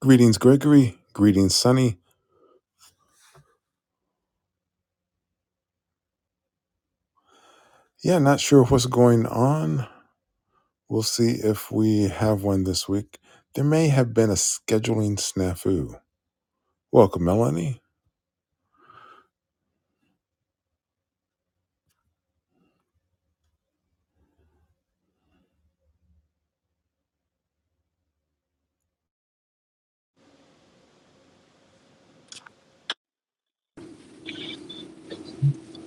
Greetings, Gregory. Greetings, Sunny. Yeah, not sure what's going on. We'll see if we have one this week. There may have been a scheduling snafu. Welcome, Melanie.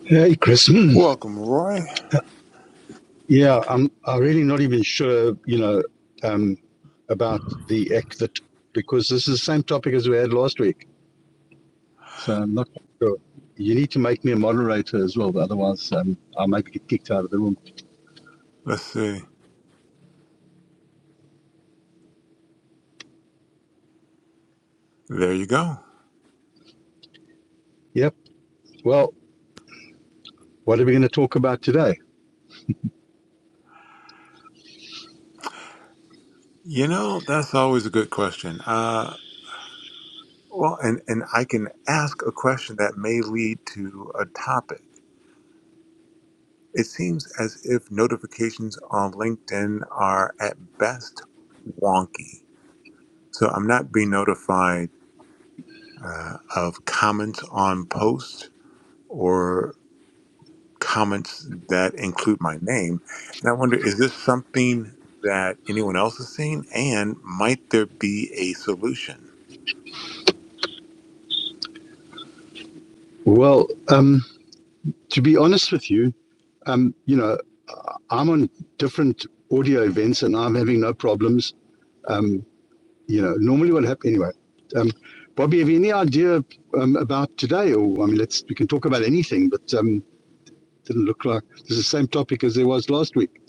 Hey, Chris. Welcome, Roy. yeah, I'm. I'm really not even sure. You know, um, about the act that because this is the same topic as we had last week. So I'm not sure. You need to make me a moderator as well, but otherwise um, I might get kicked out of the room. Let's see. There you go. Yep. Well, what are we going to talk about today? You know, that's always a good question. Uh, well, and, and I can ask a question that may lead to a topic. It seems as if notifications on LinkedIn are at best wonky. So I'm not being notified uh, of comments on posts or comments that include my name. And I wonder, is this something that anyone else is seeing? And might there be a solution? Well, um, to be honest with you, um, you know, I'm on different audio events and I'm having no problems. Um, you know, normally what happens anyway. Um, Bobby, have you any idea um, about today? Or I mean, let's we can talk about anything, but um, didn't look like it's the same topic as there was last week.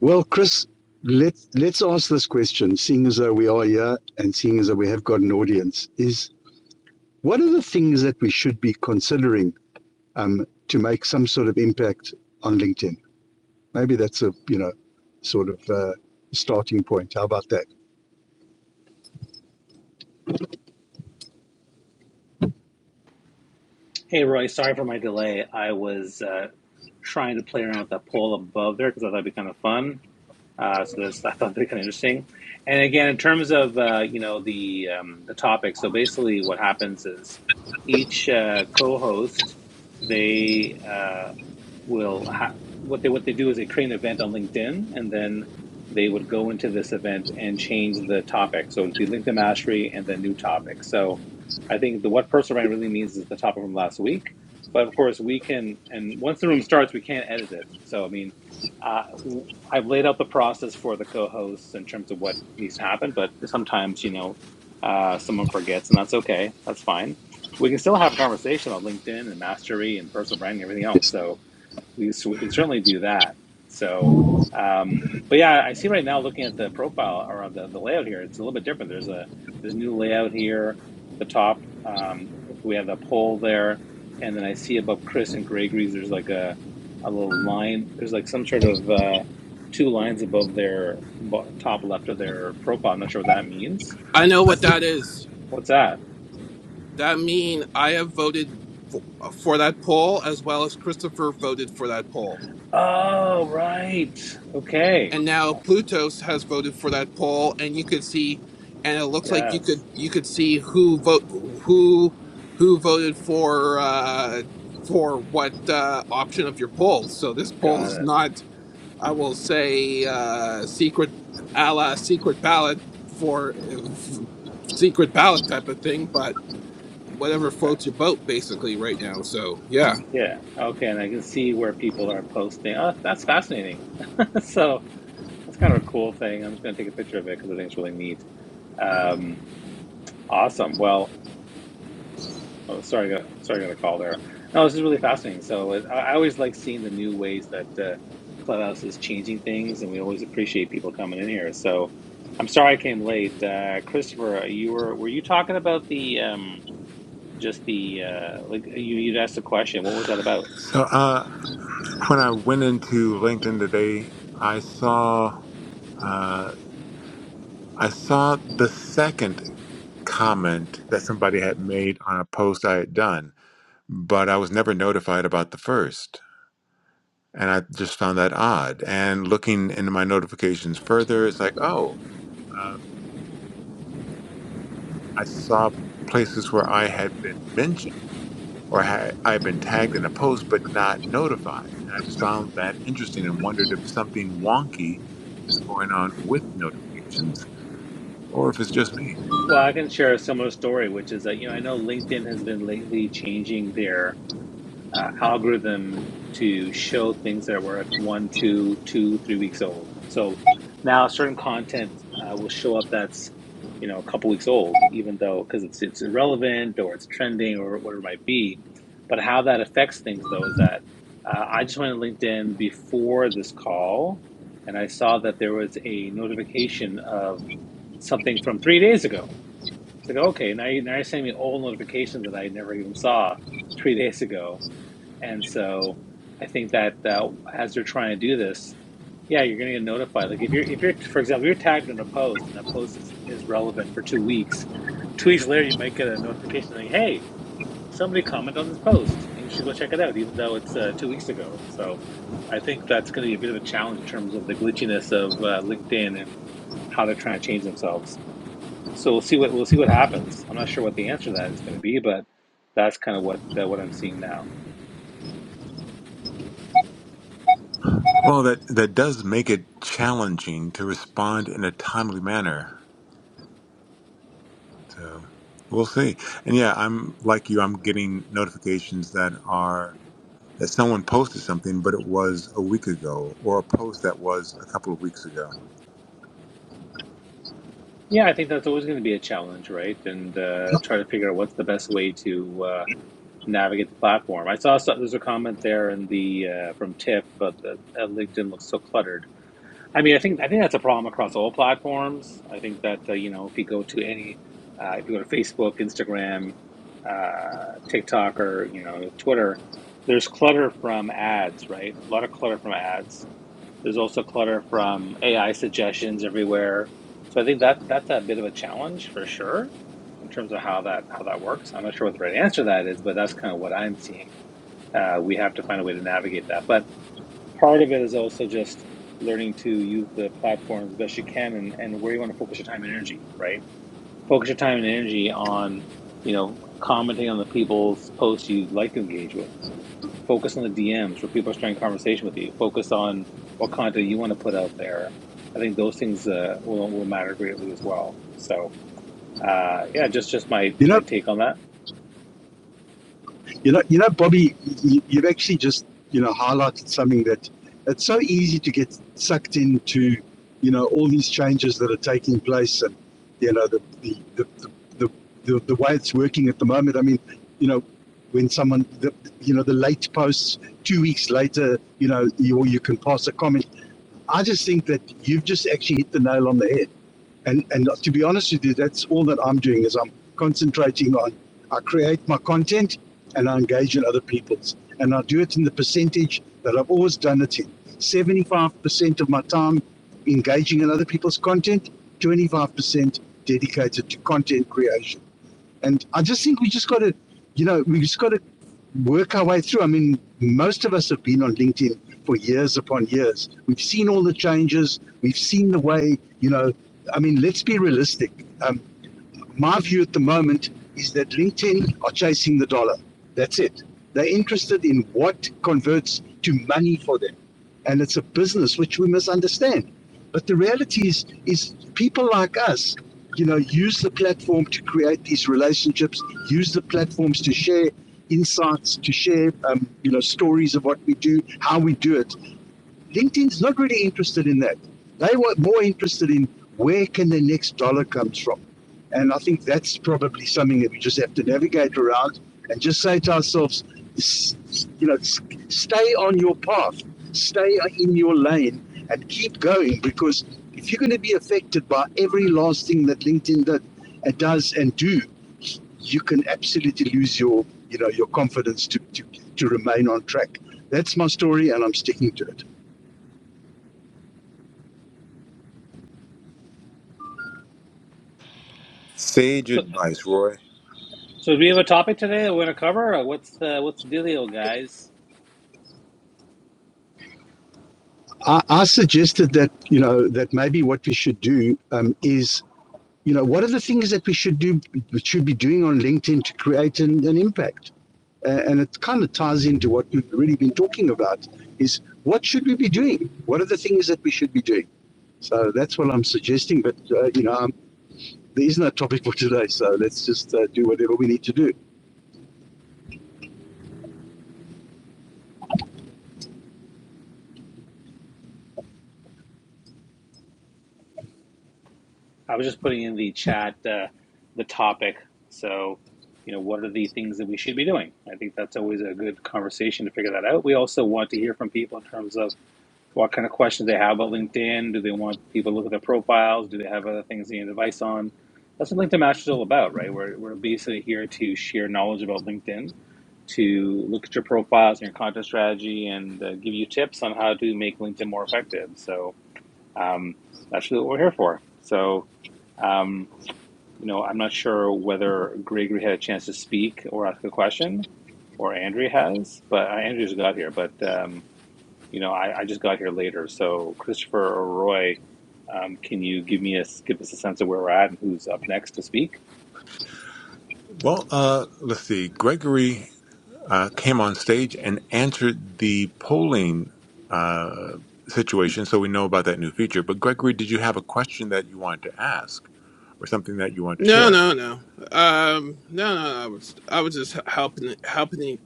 Well, Chris, let's let's ask this question. Seeing as though we are here, and seeing as though we have got an audience, is what are the things that we should be considering um, to make some sort of impact on LinkedIn? Maybe that's a you know sort of uh, starting point. How about that? Hey Roy, sorry for my delay. I was uh, trying to play around with that poll above there because I thought it'd be kind of fun. Uh, so that's I thought that'd be kind of interesting. And again, in terms of uh, you know the um, the topic, so basically what happens is each uh, co-host they uh, will ha- what they what they do is they create an event on LinkedIn and then they would go into this event and change the topic. So it'd be LinkedIn mastery and then new topic. So I think the what personal brand really means is the topic from last week. But of course we can and once the room starts we can't edit it. So I mean uh, w- I've laid out the process for the co-hosts in terms of what needs to happen, but sometimes you know uh, someone forgets, and that's okay. That's fine. We can still have a conversation about LinkedIn and mastery and personal branding and everything else. Yes. So we, so we can certainly do that. So, um, but yeah, I see right now looking at the profile or the, the layout here, it's a little bit different. There's a there's a new layout here at the top. Um, we have the poll there, and then I see above Chris and Gregory's, there's like a a little line. There's like some sort of uh, two lines above their top left of their profile. I'm not sure what that means. I know what that is. What's that? That mean I have voted for, for that poll as well as Christopher voted for that poll. Oh, right. Okay. And now Uh, Plutos has voted for that poll and you could see and it looks like you could Yes, you could see who vote who who voted for uh for what uh option of your poll. So this poll got is it. not I will say uh secret a la secret ballot for, for secret ballot type of thing, but whatever Right. floats your boat basically right now. So yeah. Yeah. Okay. And I can see where people are posting. Oh, that's fascinating. so that's kind of a cool thing. I'm just going to take a picture of it because I think it's really neat. Um, awesome. Well, oh, sorry, I got, sorry, I got a call there. No, this is really fascinating. So it, I I always like seeing the new ways that uh, Clubhouse is changing things, and we always appreciate people coming in here. So I'm sorry I came late, uh, Christopher. uh, You were were you talking about the um, just the uh, like you you asked a question? What was that about? So uh, when I went into LinkedIn today, I saw uh, I saw the second comment that somebody had made on a post I had done, but I was never notified about the first. and I just found that odd. And looking into my notifications further, it's like, oh, um, I saw places where I had been mentioned or had I had been tagged in a post but not notified. And I just found that interesting and wondered if something wonky is going on with notifications or if it's just me. Well, I can share a similar story, which is that, you know, I know LinkedIn has been lately changing their uh, algorithm to show things that were like one, two, two, three weeks old. So now certain content uh, will show up that's, you know, a couple weeks old, even though because it's it's irrelevant or it's trending or whatever it might be. But how that affects things though is that uh, I just went to LinkedIn before this call, and I saw that there was a notification of something from three days ago it's like, okay, now, you, now you're sending me old notifications that I never even saw three days ago. And so I think that uh, as you're trying to do this, yeah, you're going to get notified. Like if you're, if you're, for example, you're tagged in a post and that post is, is relevant for two weeks, two weeks later, you might get a notification saying, hey, somebody commented on this post and you should go check it out, even though it's uh, two weeks ago. So I think that's going to be a bit of a challenge in terms of the glitchiness of uh, LinkedIn and how they're trying to change themselves. So we'll see what we'll see what happens. I'm not sure what the answer to that is going to be, but that's kind of what uh, what I'm seeing now. Well, that that does make it challenging to respond in a timely manner. So we'll see. And yeah, I'm like you. I'm getting notifications that are that someone posted something, but it was a week ago, or a post that was a couple of weeks ago. Yeah, I think that's always going to be a challenge, right? And uh, try to figure out what's the best way to uh, navigate the platform. I saw some, there's a comment there in the uh, from Tiff about the uh, LinkedIn looks so cluttered. I mean, I think I think that's a problem across all platforms. I think that uh, you know, if you go to any, uh, if you go to Facebook, Instagram, uh, TikTok, or you know, Twitter, there's clutter from ads, right? A lot of clutter from ads. There's also clutter from AI suggestions everywhere. So I think that that's a bit of a challenge for sure in terms of how that how that works. I'm not sure what the right answer to that is, but that's kind of what I'm seeing. Uh, we have to find a way to navigate that, but part of it is also just learning to use the platform as best you can and, and where you want to focus your time and energy, right? Focus your time and energy on, you know, commenting on the people's posts you'd like to engage with. Focus on the DMs where people are starting conversation with you. Focus on what content you want to put out there. I think those things uh, will, will matter greatly as well. So, uh, yeah, just just my, You my know, take on that. You know, you know, Bobby, you, you've actually just you know highlighted something that it's so easy to get sucked into, you know, all these changes that are taking place, and you know the the the the, the, the, the way it's working at the moment. I mean, you know, when someone, the, you know, the late posts two weeks later, you know, you, or you can pass a comment. I just think that you've just actually hit the nail on the head. And and to be honest with you, that's all that I'm doing is I'm concentrating on I create my content and I engage in other people's. And I do it in the percentage that I've always done it in. 75% of my time engaging in other people's content, 25% dedicated to content creation and I just think we just got to, you know, we just got to work our way through. I mean, most of us have been on LinkedIn for years upon years. We've seen all the changes. We've seen the way, you know, I mean, let's be realistic. Um, my view at the moment is that LinkedIn are chasing the dollar. That's it. They're interested in what converts to money for them. And it's a business which we must understand. But the reality is, is people like us, you know, use the platform to create these relationships, use the platforms to share insights, to share, um, you know, stories of what we do, how we do it. LinkedIn is not really interested in that. They were more interested in where can the next dollar comes from. And I think that's probably something that we just have to navigate around and just say to ourselves, you know, stay on your path, stay in your lane, and keep going. Because if you're going to be affected by every last thing that LinkedIn did, uh, does and do, you can absolutely lose your, you know, your confidence to, to, to remain on track. That's my story, and I'm sticking to it. Sage So, advice, Roy. so do we have a topic today that we're going to cover? Or what's the what's the dealio, guys? I, I suggested that you know that maybe what we should do um, is you know what are the things that we should do we should be doing on LinkedIn to create an, an impact, A- and it kind of ties into what we've really been talking about is what should we be doing? What are the things that we should be doing? So that's what I'm suggesting. But uh, you know um, there is no topic for today, so let's just uh, do whatever we need to do. I was just putting in the chat uh, the topic. So, you know, what are the things that we should be doing? I think that's always a good conversation to figure that out. We also want to hear from people in terms of what kind of questions they have about LinkedIn. Do they want people to look at their profiles? Do they have other things they need advice on? That's what LinkedIn Master is all about, right? We're, we're basically here to share knowledge about LinkedIn, to look at your profiles and your content strategy, and uh, give you tips on how to make LinkedIn more effective. So, um, that's really what we're here for. So, um, you know, I'm not sure whether Gregory had a chance to speak or ask a question, or Andrea has, but uh, Andrea just got here. But um, you know, I, I just got here later. So, Christopher or Roy, um, can you give me a give us a sense of where we're at and who's up next to speak? Well, uh, let's see. Gregory uh, came on stage and answered the polling uh, situation, so we know about that new feature. But Gregory, did you have a question that you wanted to ask, or something that you wanted to No, share? no, no. Um, no, no. I was, I was just helping, helping.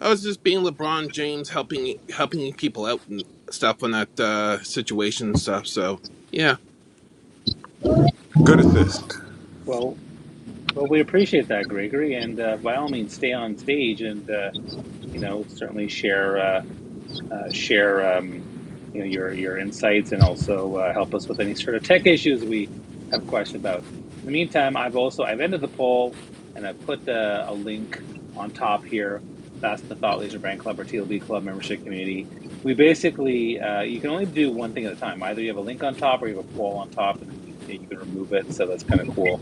I was just being LeBron James, helping, helping people out and stuff on that uh, situation and stuff. So yeah, Good assist. Well, well, we appreciate that, Gregory, and uh, by all means, stay on stage and uh, you know certainly share. uh, uh, share um, you know your your insights and also uh, help us with any sort of tech issues we have questions about. In the meantime, I've also I've ended the poll and I've put uh, a link on top here. That's the Thought Leisure Brand Club or TLB Club membership community. We basically uh, you can only do one thing at a time. Either you have a link on top or you have a poll on top, and then you you can remove it. So that's kind of cool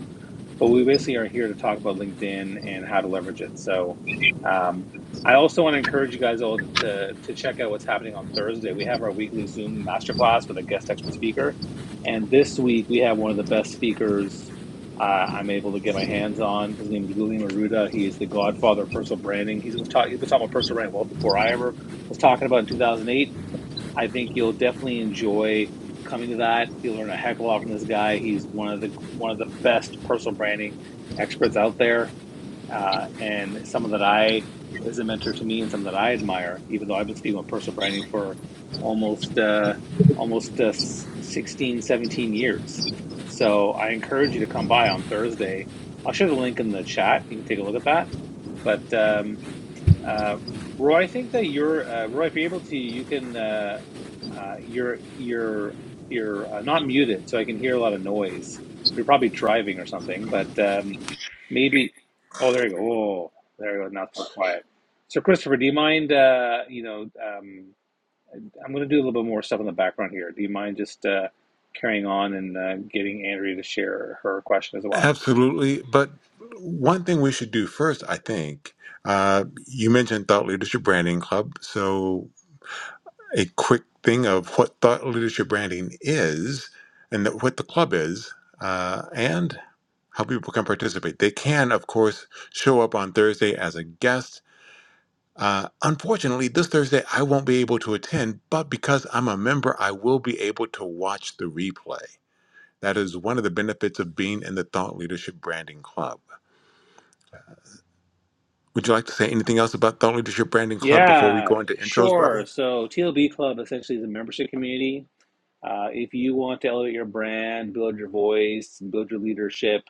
but we basically are here to talk about LinkedIn and how to leverage it. So, um, I also want to encourage you guys all to, to, to check out what's happening on Thursday. We have our weekly Zoom masterclass with a guest expert speaker, and this week we have one of the best speakers uh, I'm able to get my hands on. His name is William Aruda. He is the godfather of personal branding. He's was talk, he was talking about personal branding well before I ever was talking about in 2008 I think you'll definitely enjoy coming to that. You'll learn a heck of a lot from this guy. He's one of the one of the best personal branding experts out there, uh, and someone that I is a mentor to me and someone that I admire. Even though I've been speaking with personal branding for almost uh, almost uh, s- years, so I encourage you to come by on Thursday. I'll share the link in the chat. You can take a look at that. But um, uh, Roy, I think that you're uh, Roy. If you're able to, you can. Uh, uh, you're you're you're uh, not muted, so I can hear a lot of noise. You're probably driving or something, but um, maybe. Oh, there you go. Oh, there you go. Now it's more quiet. So, Christopher, do you mind? Uh, you know, um, I'm going to do a little bit more stuff in the background here. Do you mind just uh, carrying on and uh, getting Andrea to share her question as well? Absolutely. But one thing we should do first, I think, uh, you mentioned Thought Leadership Branding Club, so a quick thing of what thought leadership branding is and that what the club is uh, and how people can participate. They can, of course, show up on Thursday as a guest. Uh, unfortunately, this Thursday I won't be able to attend, but because I'm a member, I will be able to watch the replay. That is one of the benefits of being in the Thought Leadership Branding Club. Would you like to say anything else about Thought Leadership Branding Club before we Yeah, go into intros, sure. Bobby? So, TLB Club essentially is a membership community Uh, if you want to elevate your brand, build your voice, build your leadership,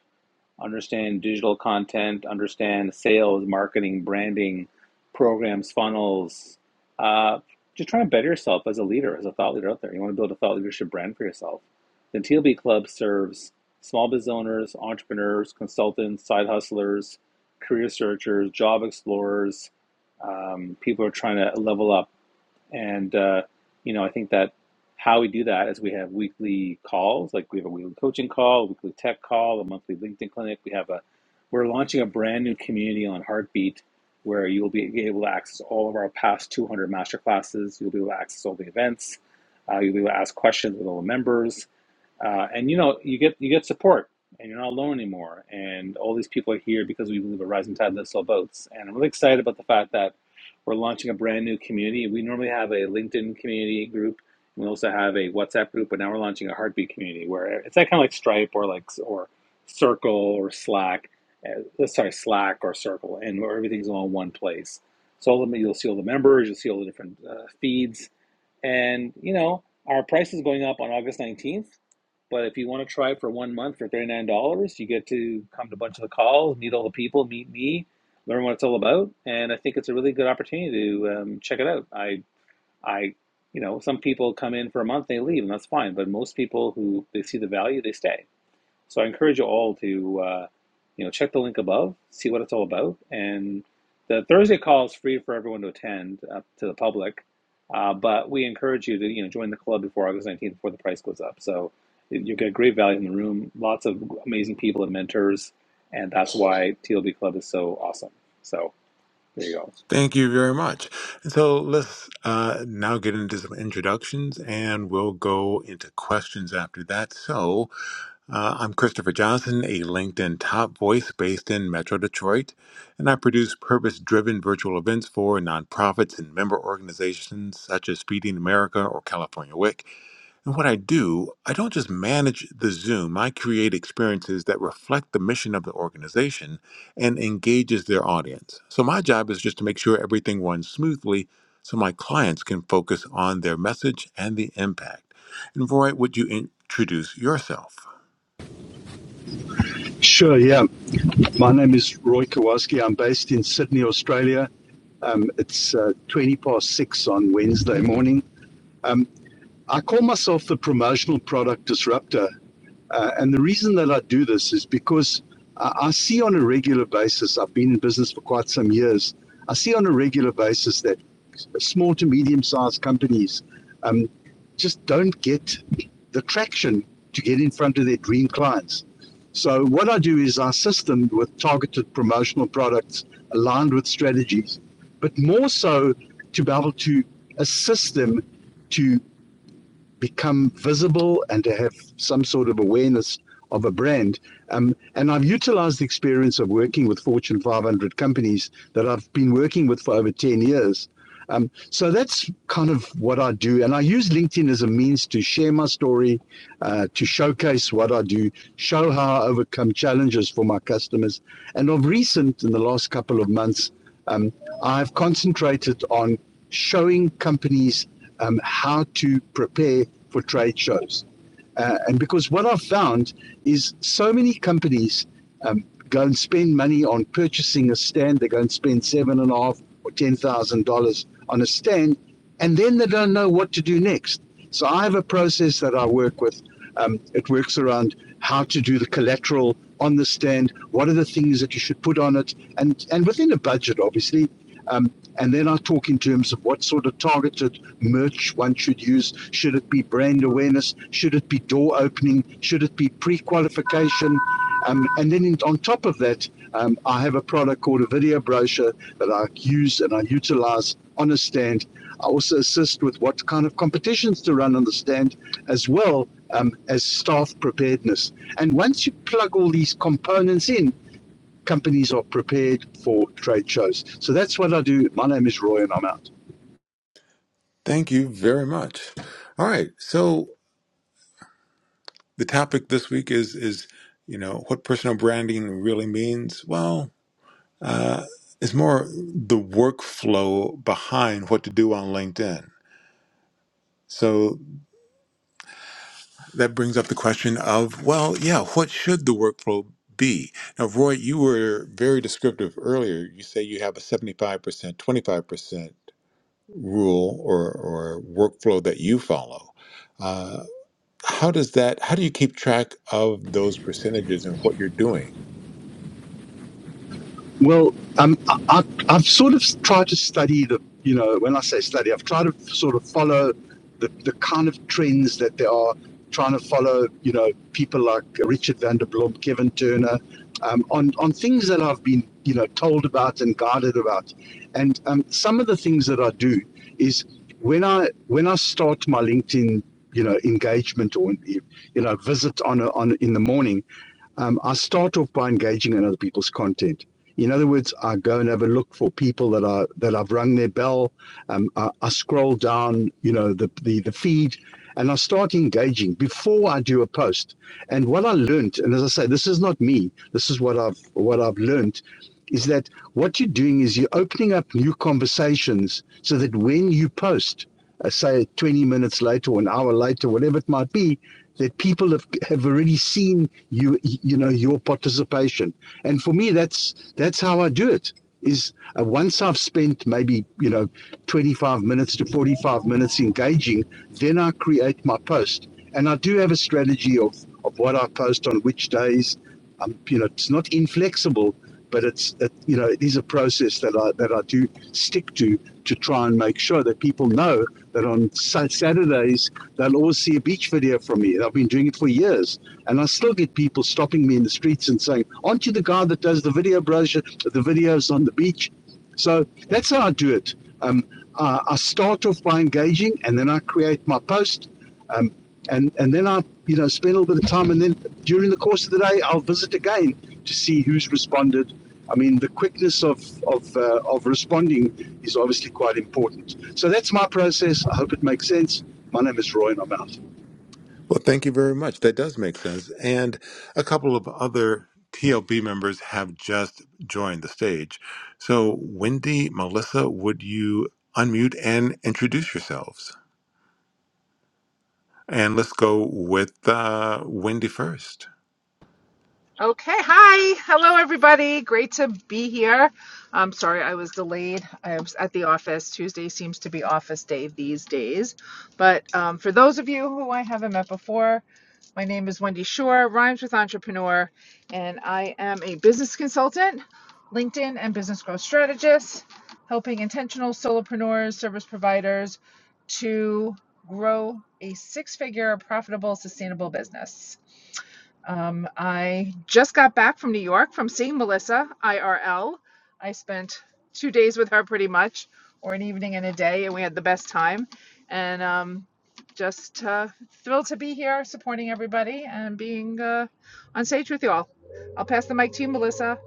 understand digital content, understand sales, marketing, branding, programs, funnels, uh, just try and better yourself as a leader, as a thought leader out there. You want to build a thought leadership brand for yourself. The TLB Club serves small business owners, entrepreneurs, consultants, side hustlers, career searchers, job explorers, um, people who are trying to level up and uh, you know, I think that how we do that is we have weekly calls, like we have a weekly coaching call, a weekly tech call, a monthly LinkedIn clinic. We have a we're launching a brand new community on Heartbeat where you will be able to access all of our past 200 masterclasses. You'll be able to access all the events. Uh, you'll be able to ask questions with all the members uh, and you know you get you get support and you're not alone anymore and all these people are here because we believe a rising tide lifts all boats and i'm really excited about the fact that we're launching a brand new community we normally have a linkedin community group we also have a whatsapp group but now we're launching a heartbeat community where it's that kind of like stripe or like or circle or slack uh, sorry slack or circle and where everything's all in one place so all of them, you'll see all the members you'll see all the different uh, feeds and, you know, our price is going up on August 19th. But if you want to try it for one month for $39, you get to come to a bunch of the calls, meet all the people, meet me, learn what it's all about. And I think it's a really good opportunity to um, check it out. I, I, you know, some people come in for a month, they leave, and that's fine. But most people who they see the value, they stay. So I encourage you all to, uh, you know, check the link above, see what it's all about. And the Thursday call is free for everyone to attend uh, to the public, uh, but we encourage you to, you know, join the club before August 19th, before the price goes up. So you get great value in the room, lots of amazing people and mentors, and that's why TLB Club is so awesome. So there you go. Thank you very much. So let's uh, now get into some introductions and we'll go into questions after that. So uh, I'm Christopher Johnson, a LinkedIn top voice based in Metro Detroit, and I produce purpose driven virtual events for nonprofits and member organizations such as Feeding America or California WIC. And what I do, I don't just manage the Zoom. I create experiences that reflect the mission of the organization and engages their audience. So my job is just to make sure everything runs smoothly so my clients can focus on their message and the impact. And Roy, would you introduce yourself? Sure, yeah. My name is Roy Kowalski. I'm based in Sydney, Australia. Um, it's uh, 20 past six on Wednesday morning. Um, I call myself the promotional product disruptor uh, and the reason that I do this is because I, I see on a regular basis, I've been in business for quite some years, I see on a regular basis that small to medium sized companies um, just don't get the traction to get in front of their dream clients. So, what I do is I assist them with targeted promotional products aligned with strategies, but more so to be able to assist them to become visible and to have some sort of awareness of a brand. Um, and I've utilized the experience of working with Fortune 500 companies that I've been working with for over 10 years. Um, so that's kind of what I do. And I use LinkedIn as a means to share my story, uh, to showcase what I do, show how I overcome challenges for my customers. And of recent, in the last couple of months, um, I've concentrated on showing companies um, how to prepare for trade shows. Uh, and because what I've found is so many companies um, go and spend money on purchasing a stand, they go and spend seven and a half or ten thousand dollars on a stand, and then they don't know what to do next. So I have a process that I work with. Um, it works around how to do the collateral on the stand, what are the things that you should put on it, and, and within a budget, obviously. Um, and then I talk in terms of what sort of targeted merch one should use? Should it be brand awareness? Should it be door opening? Should it be pre qualification? Um, and then in, on top of that, um, I have a product called a video brochure that I use and I utilize on a stand. I also assist with what kind of competitions to run on the stand, as well um, as staff preparedness. And once you plug all these components in, companies are prepared for trade shows. So that's what I do. My name is Roy, and I'm out. Thank you very much. All right. So the topic this week is is you know what personal branding really means. Well, uh, it's more the workflow behind what to do on LinkedIn. So that brings up the question of, well, yeah, what should the workflow be? Now, Roy, you were very descriptive earlier. You say you have a 75%, 25% rule or, or workflow that you follow. Uh, how does that, how do you keep track of those percentages and what you're doing? Well, um, I, I, have sort of tried to study the, you know, when I say study, I've tried to sort of follow the, the kind of trends that there are, trying to follow, you know, people like Richard van der Blom, Kevin Turner, um, on, on things that I've been, you know, told about and guided about. And um, some of the things that I do is when I when I start my LinkedIn, you know, engagement or you know, visit on a, on in the morning, um, I start off by engaging in other people's content. In other words, I go and have a look for people that are that I've rung their bell. Um, I, I scroll down, you know, the, the the feed, and I start engaging before I do a post. And what I learned, and as I say, this is not me. This is what I've what I've learned, is that what you're doing is you're opening up new conversations so that when you post, uh, say 20 minutes later or an hour later, whatever it might be, that people have, have already seen you you know your participation and for me that's that's how i do it is uh, once i've spent maybe you know 25 minutes to 45 minutes engaging then i create my post and i do have a strategy of of what i post on which days um, you know it's not inflexible but it's it, you know it is a process that I that I do stick to to try and make sure that people know that on Saturdays they'll always see a beach video from me. I've been doing it for years. And I still get people stopping me in the streets and saying, Aren't you the guy that does the video brochure, the videos on the beach? So that's how I do it. Um, I, I start off by engaging and then I create my post. Um, and, and then I you know, spend a little bit of time, and then during the course of the day, I'll visit again to see who's responded. I mean, the quickness of of uh, of responding is obviously quite important. So that's my process. I hope it makes sense. My name is Roy, and I'm out. Well, thank you very much. That does make sense. And a couple of other TLB members have just joined the stage. So, Wendy, Melissa, would you unmute and introduce yourselves? And let's go with uh, Wendy first. Okay, hi. Hello, everybody. Great to be here. I'm sorry I was delayed. I was at the office. Tuesday seems to be office day these days. But um, for those of you who I haven't met before, my name is Wendy Shore, rhymes with entrepreneur, and I am a business consultant, LinkedIn and business growth strategist, helping intentional solopreneurs, service providers to grow a six figure, profitable, sustainable business. Um, I just got back from New York from seeing Melissa IRL. I spent two days with her pretty much, or an evening and a day, and we had the best time. And um, just uh, thrilled to be here supporting everybody and being uh, on stage with you all. I'll pass the mic to you, Melissa.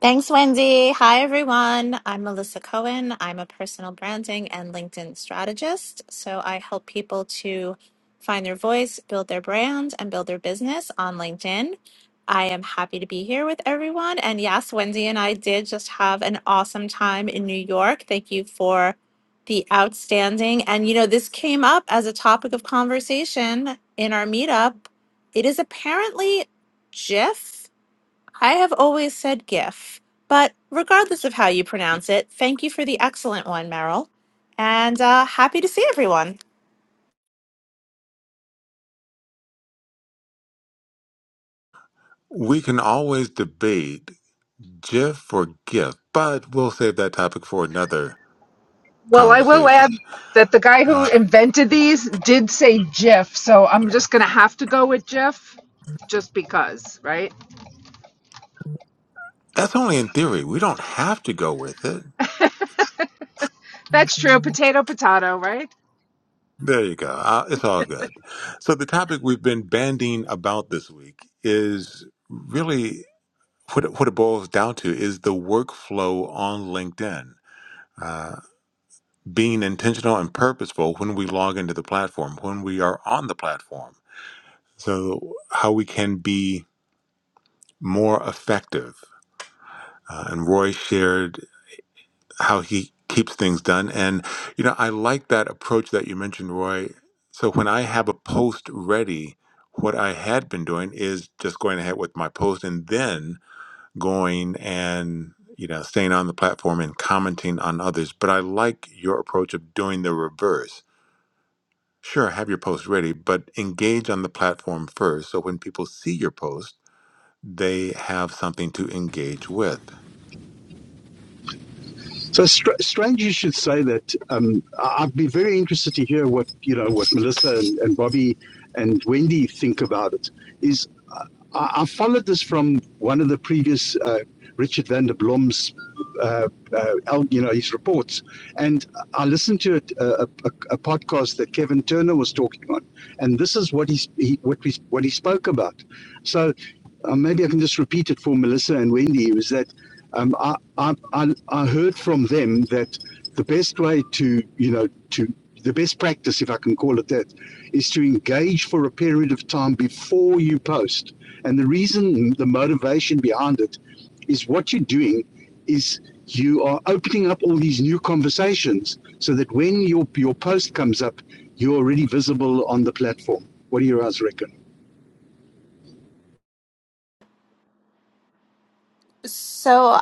Thanks, Wendy. Hi, everyone. I'm Melissa Cohen. I'm a personal branding and LinkedIn strategist. So I help people to find their voice, build their brand, and build their business on LinkedIn. I am happy to be here with everyone. And yes, Wendy and I did just have an awesome time in New York. Thank you for the outstanding. And, you know, this came up as a topic of conversation in our meetup. It is apparently GIF I have always said GIF, but regardless of how you pronounce it, thank you for the excellent one, Meryl, and uh, happy to see everyone. We can always debate GIF or GIF, but we'll save that topic for another Well, I will add conversation. that the guy who Uh, invented these did say GIF, so I'm just going to have to go with GIF just because, right? that's only in theory. We don't have to go with it. That's true. Potato, potato, right? There you go. Uh, it's all good. So the topic we've been banding about this week is really what it, what it boils down to is the workflow on LinkedIn. Uh, being intentional and purposeful when we log into the platform, when we are on the platform. So how we can be more effective. Uh, and Roy shared how he keeps things done. And, you know, I like that approach that you mentioned, Roy. So when I have a post ready, what I had been doing is just going ahead with my post and then going and, you know, staying on the platform and commenting on others. But I like your approach of doing the reverse. Sure, have your post ready, but engage on the platform first. So when people see your post, they have something to engage with. So str- strange you should say that. Um, I- would be very interested to hear what you know, what Melissa and, and Bobby and Wendy think about it. Is uh, I, I followed this from one of the previous uh, Richard van der Blom's, uh, uh, you know, his reports, and I listened to it, uh, a, a, podcast that Kevin Turner was talking on, and this is what he's, he what we what he spoke about. So uh, maybe I can just repeat it for Melissa and Wendy. It Was that um, I, I, I, I heard from them that the best way to, you know, to the best practice, if I can call it that, is to engage for a period of time before you post. And the reason, the motivation behind it is what you're doing is you are opening up all these new conversations so that when your, your post comes up, you're already visible on the platform. What do you guys reckon? So,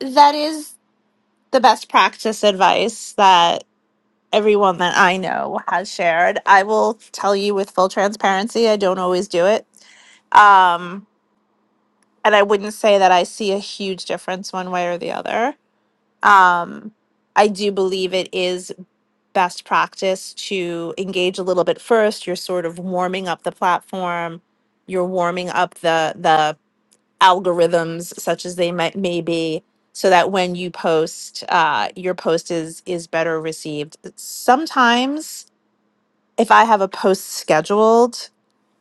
that is the best practice advice that everyone that I know has shared. I will tell you with full transparency, I don't always do it. Um, and I wouldn't say that I see a huge difference one way or the other. Um, I do believe it is best practice to engage a little bit first. You're sort of warming up the platform. You're warming up the the algorithms, such as they might may be, so that when you post, uh, your post is is better received. Sometimes, if I have a post scheduled,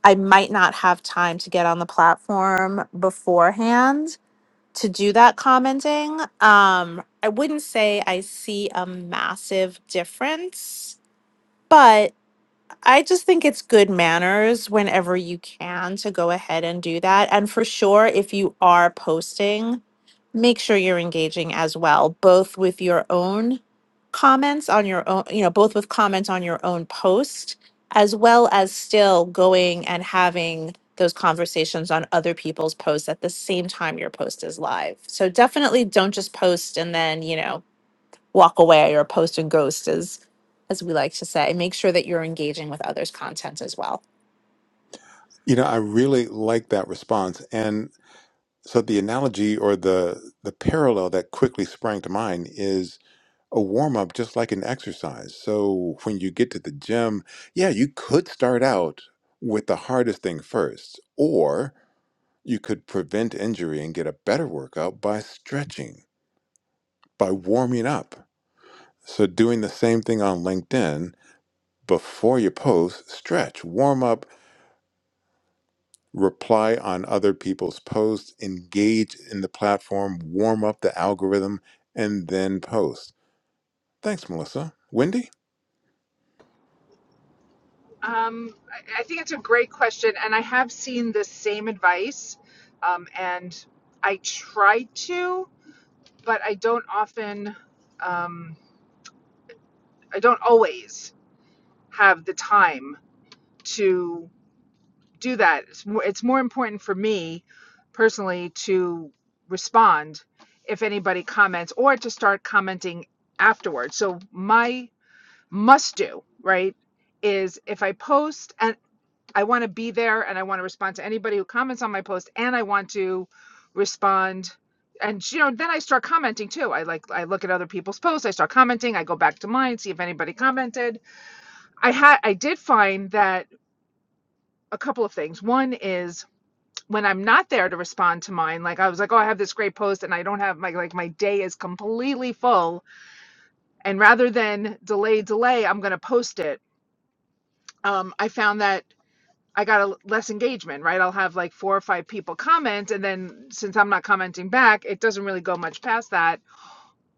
I might not have time to get on the platform beforehand to do that commenting. Um, I wouldn't say I see a massive difference, but. I just think it's good manners whenever you can to go ahead and do that. And for sure, if you are posting, make sure you're engaging as well, both with your own comments on your own, you know, both with comments on your own post, as well as still going and having those conversations on other people's posts at the same time your post is live. So definitely don't just post and then, you know, walk away or post and ghost as as we like to say and make sure that you're engaging with others content as well You know, I really like that response. and. So the analogy or the the parallel that quickly sprang to mind is a warm up just like an exercise. So when you get to the gym, yeah, you could start out with the hardest thing first, or you could prevent injury and get a better workout by stretching, by warming up. So doing the same thing on LinkedIn before you post, stretch, warm up, reply on other people's posts, engage in the platform, warm up the algorithm, and then post. Thanks, Melissa. Wendy? Um, I I think it's a great question, and I have seen this same advice, um, and I try to, but I don't often, um, I don't always have the time to do that. It's more, it's more important for me personally to respond if anybody comments or to start commenting afterwards. So my must do, right? is if I post, and. I want to be there and I want to respond to anybody who comments on my post and I want to respond and you know then I start commenting too. I like I look at other people's posts, I start commenting, I go back to mine, see if anybody commented. I had I did find that a couple of things. One is when I'm not there to respond to mine, like I was like, oh, I have this great post and I don't have my like my day is completely full and rather than delay delay, I'm going to post it. Um I found that I got a less engagement, right? I'll have like four or five people comment, and then since I'm not commenting back, it doesn't really go much past that.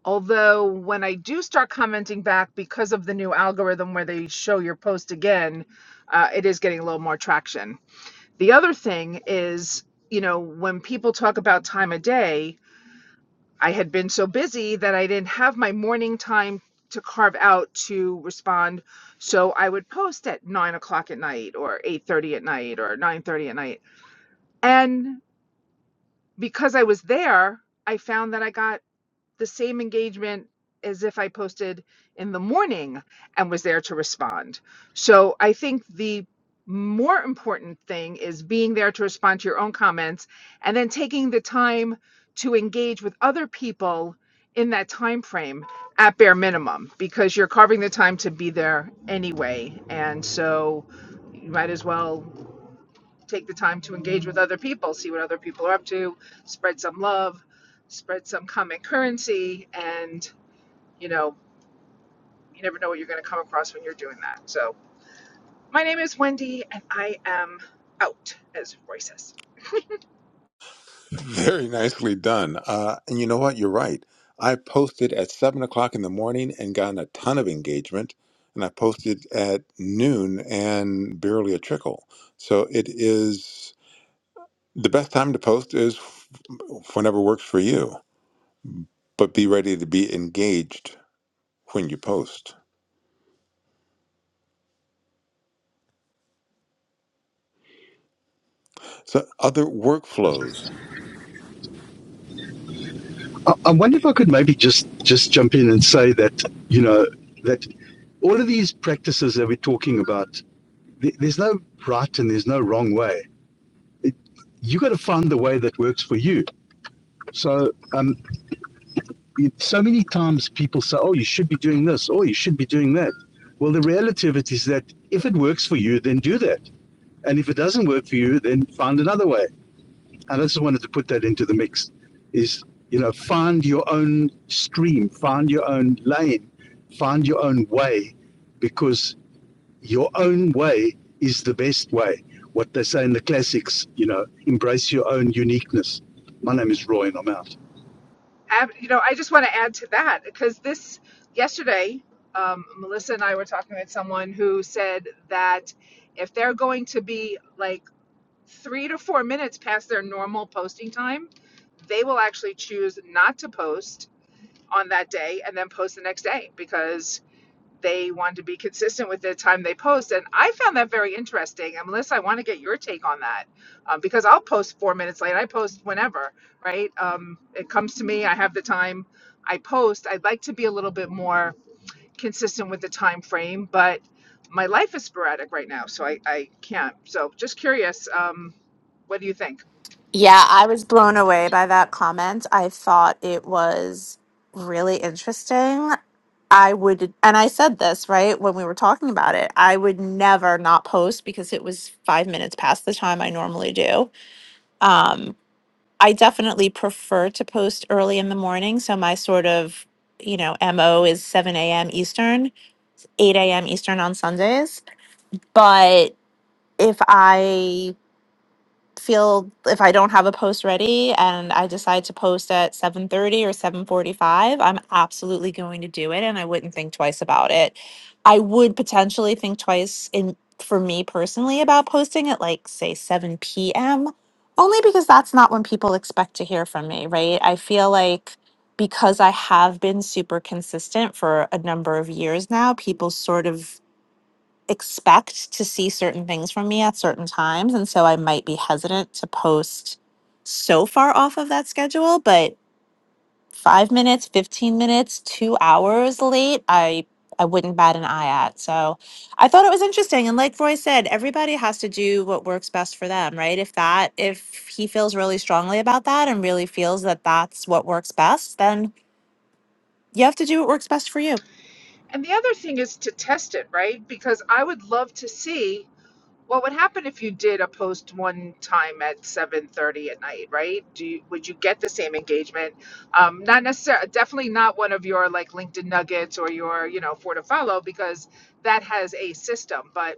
Although when I do start commenting back because of the new algorithm where they show your post again, uh, it is getting a little more traction. The other thing is, you know, when people talk about time of day, I had been so busy that I didn't have my morning time to carve out to respond so I would post at nine o'clock at night or eight thirty at night or nine thirty at night and because I was there, I found that I got the same engagement as if I posted in the morning and was there to respond. So I think the more important thing is being there to respond to your own comments and then taking the time to engage with other people in that time frame at bare minimum because you're carving the time to be there anyway and so you might as well take the time to engage with other people, see what other people are up to, spread some love, spread some common currency, and you know, you never know what you're going to come across when you're doing that. So, my name is Wendy, and I am out, as Roy says. Very nicely done. Uh, and you know what? You're right. I posted at 7 o'clock in the morning and gotten a ton of engagement. And I posted at noon and barely a trickle. So it is the best time to post is whenever works for you, but be ready to be engaged when you post. So other workflows, I, wonder if I could maybe just just jump in and say that you know that all of these practices that we're talking about, there's no right and there's no wrong way. It, you got to find the way that works for you. So, um, it, so many times people say, "Oh, you should be doing this," or "You should be doing that." Well, the reality of it is that if it works for you, then do that, and if it doesn't work for you, then find another way. and I just wanted to put that into the mix, is you know find your own stream, find your own lane, find your own way, because your own way is the best way. What they say in the classics, you know, embrace your own uniqueness. My name is Roy, and I'm out. Ab- you know, I just want to add to that because this yesterday, um, Melissa and I were talking with someone who said that if they're going to be like three to four minutes past their normal posting time, they will actually choose not to post on that day and then post the next day because they want to be consistent with the time they post. And I found that very interesting. And Melissa, I want to get your take on that um, because I'll post four minutes late. I post whenever, right? Um, it comes to me. I have the time. I post. I'd like to be a little bit more consistent with the time frame, but my life is sporadic right now, so I, I can't. So just curious, um, what do you think? Yeah, I was blown away by that comment. I thought it was really interesting. I would, and I said this, right, when we were talking about it, I would never not post because it was five minutes past the time I normally do. Um, I definitely prefer to post early in the morning. So my sort of, you know, MO is 7 a.m. Eastern, 8 a.m. Eastern on Sundays but if I feel if I don't have a post ready and I decide to post at 7:30 or 7:45, I'm absolutely going to do it and I wouldn't think twice about it. I would potentially think twice in for me personally about posting at like say 7 p.m. only because that's not when people expect to hear from me, right? I feel like because I have been super consistent for a number of years now, people sort of expect to see certain things from me at certain times. And so I might be hesitant to post so far off of that schedule, but five minutes, 15 minutes, two hours late, I I wouldn't bat an eye at. So I thought it was interesting. And like Roy said, everybody has to do what works best for them, right? If that, if he feels really strongly about that and really feels that that's what works best, then you have to do what works best for you. And the other thing is to test it, right? Because I would love to see What would happen if you did a post one time at seven thirty at night, right? Do you, would you get the same engagement? Um, not necessarily, definitely not one of your like LinkedIn nuggets or your you know four to follow because that has a system. But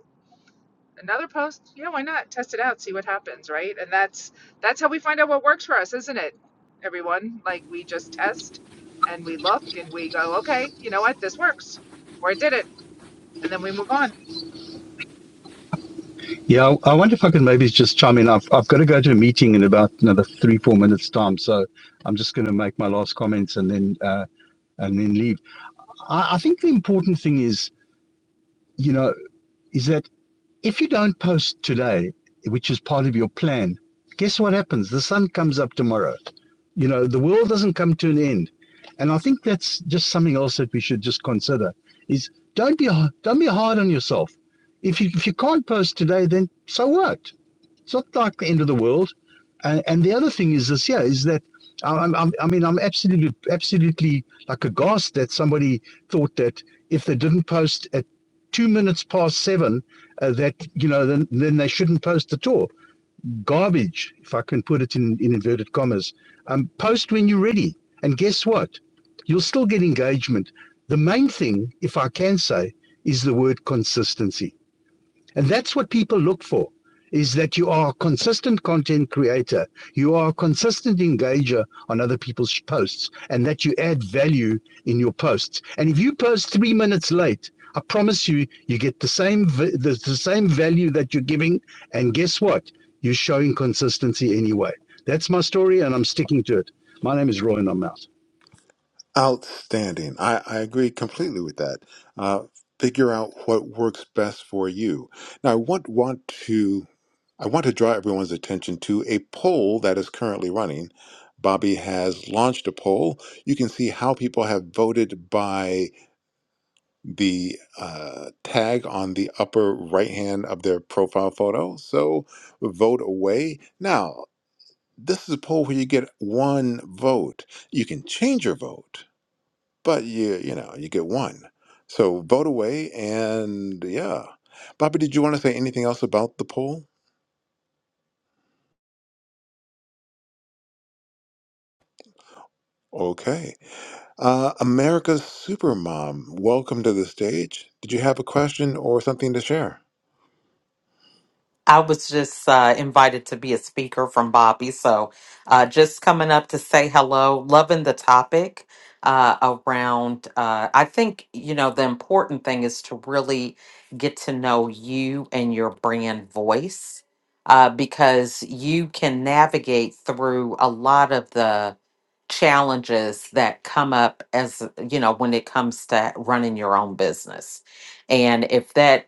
another post, yeah, why not test it out, see what happens, right? And that's that's how we find out what works for us, isn't it? Everyone, like we just test and we look and we go, okay, you know what, this works, or it didn't, and then we move on. Yeah, I wonder if I can maybe just chime in. I've, I've got to go to a meeting in about another three, four minutes time. So I'm just going to make my last comments and then uh, and then leave. I, I think the important thing is, you know, is that If you don't post today, which is part of your plan, guess what happens? The sun comes up tomorrow. You know, the world doesn't come to an end. And I think that's just something else that we should just consider is don't be don't be hard on yourself. If you if you can't post today, then so what? It's not like the end of the world. And, and the other thing is this, yeah, is that I- am I'm, I mean, I'm absolutely, absolutely like aghast that somebody thought that if they didn't post at two minutes past seven, uh, that you know, then then they shouldn't post at all. Garbage, if I can put it in, in inverted commas. Um, post when you're ready, and guess what? You'll still get engagement. The main thing, if I can say, is the word consistency and that's what people look for is that you are a consistent content creator, you are a consistent engager on other people's posts, and that you add value in your posts. And if you post three minutes late, I promise you, you get the same the, the same value that you're giving. And guess what? You're showing consistency anyway. That's my story, and I'm sticking to it. My name is Roy, and I'm out. outstanding. I, I agree completely with that. Uh, figure out what works best for you. Now, I want want to I want to draw everyone's attention to a poll that is currently running. Bobby has launched a poll. You can see how people have voted by the uh, tag on the upper right hand of their profile photo. So vote away. Now, this is a poll where you get one vote. You can change your vote, but you you know you get one. So vote away, and yeah, Bobby, did you want to say anything else about the poll? Okay, uh, America's Supermom, welcome to the stage. Did you have a question or something to share? I was just uh, invited to be a speaker from Bobby. So uh, just coming up to say hello, loving the topic uh, around. Uh, I think, you know, the important thing is to really get to know you and your brand voice uh, because you can navigate through a lot of the challenges that come up as you know when it comes to running your own business and if that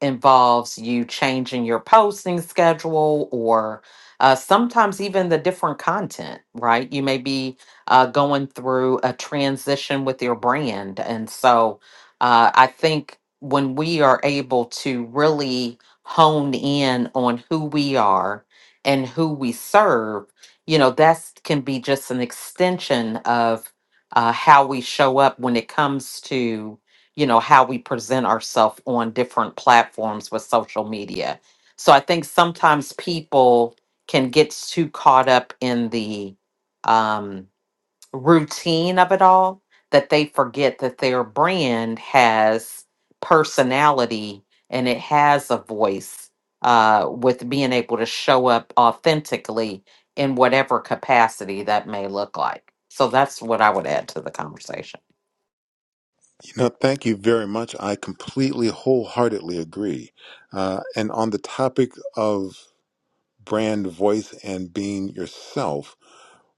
involves you changing your posting schedule or uh, sometimes even the different content, right? You may be uh, going through a transition with your brand. And so uh, I think when we are able to really hone in on who we are and who we serve, you know, that's can be just an extension of uh, how we show up when it comes to you know how we present ourselves on different platforms with social media so i think sometimes people can get too caught up in the um, routine of it all that they forget that their brand has personality and it has a voice uh, with being able to show up authentically in whatever capacity that may look like so that's what i would add to the conversation You know, thank you very much. I completely, wholeheartedly agree. Uh, and on the topic of brand voice and being yourself,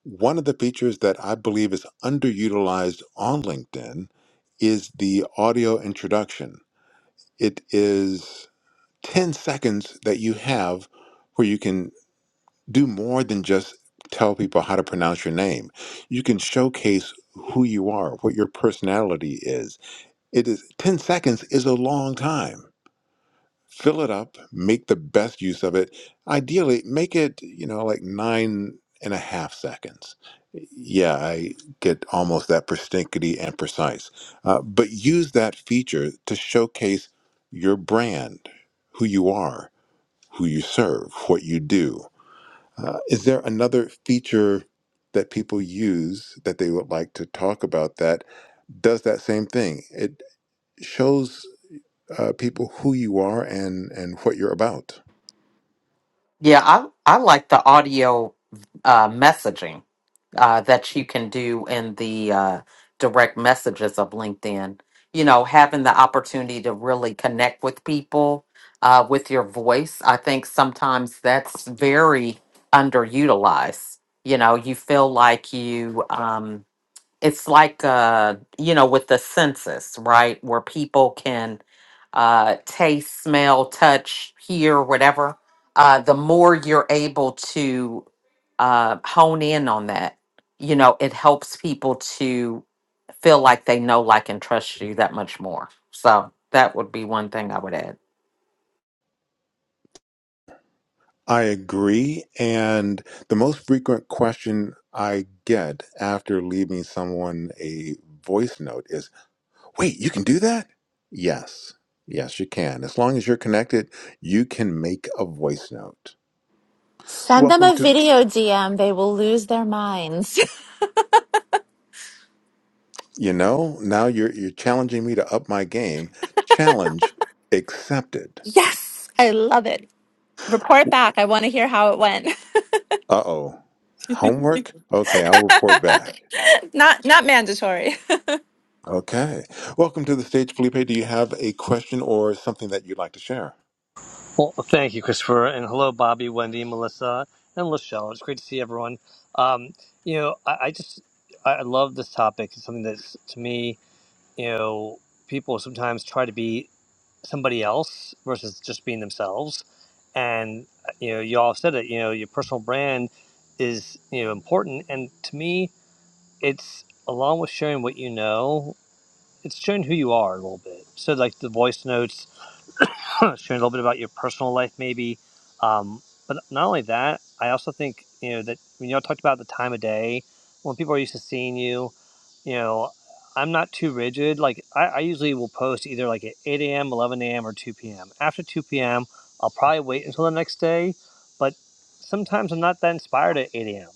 One of the features that I believe is underutilized on LinkedIn is the audio introduction. It is 10 seconds that you have where you can do more than just tell people how to pronounce your name. You can showcase who you are, what your personality is. It is 10 seconds is a long time fill it up, make the best use of it. Ideally, make it, you know, like nine and a half seconds. Yeah, I get almost that persnickety and precise. Uh, but use that feature to showcase your brand, who you are, who you serve, what you do. Uh, is there another feature that people use that they would like to talk about that does that same thing? It shows uh, people who you are and, and what you're about. Yeah, I I like the audio uh, messaging uh, that you can do in the uh, direct messages of LinkedIn. You know, having the opportunity to really connect with people uh, with your voice. I think sometimes that's very underutilized. You know, you feel like you. Um, it's like uh you know with the census right where people can uh taste smell touch hear whatever uh the more you're able to uh hone in on that you know it helps people to feel like they know like and trust you that much more so that would be one thing i would add I agree. And the most frequent question I get after leaving someone a voice note is wait, you can do that? Yes. Yes, you can. As long as you're connected, you can make a voice note. Send them Welcome a to, video DM. They will lose their minds. you know, now you're, you're challenging me to up my game. Challenge accepted. Yes, I love it. Report Uh back. I want to hear how it went. oh. Homework? Okay, I'll report back. not not mandatory. Okay. Welcome to the stage, Felipe. Do you have a question or something that you'd like to share? Well, thank you, Christopher, and hello, Bobby, Wendy, Melissa, and Lachelle. It's great to see everyone. Um, you know, I, I just I I love this topic. It's something that's to me, you know, people sometimes try to be somebody else versus just being themselves. And uh, you know, you all said it. You know, your personal brand is you know important, and to me, it's along with sharing what you know, it's sharing who you are a little bit. So, like the voice notes sharing a little bit about your personal life, maybe. Um, but not only that, I also think you know that when y'all talked about the time of day, when people are used to seeing you, you know, I'm not too rigid. Like I, I usually will post either like at 8 a.m., 11 a.m., or 2 p.m. After 2 p.m., I'll probably wait until the next day. But sometimes I'm not that inspired at 8 a.m.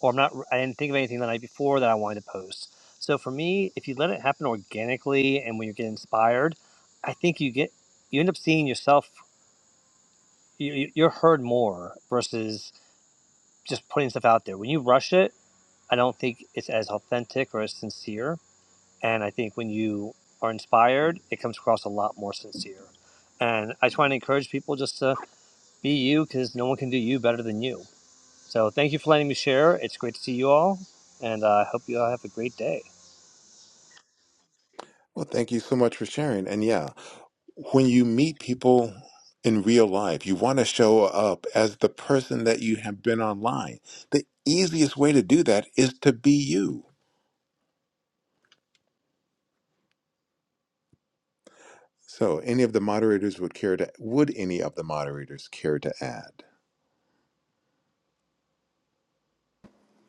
or I'm not. I didn't think of anything the night before that I wanted to post. So for me, if you let it happen organically and when you get inspired, I think you get you end up seeing yourself you, you- are heard more versus just putting stuff out there when you rush it i don't think it's as authentic or as sincere and i think when you are inspired it comes across a lot more sincere and i try and encourage people just to be you because no one can do you better than you so thank you for letting me share it's great to see you all and uh, i uh, hope you all have a great day Well, thank you so much for sharing. And yeah, when you meet people in real life, you want to show up as the person that you have been online. The easiest way to do that is to be you. So, any of the moderators would care to would any of the moderators care to add?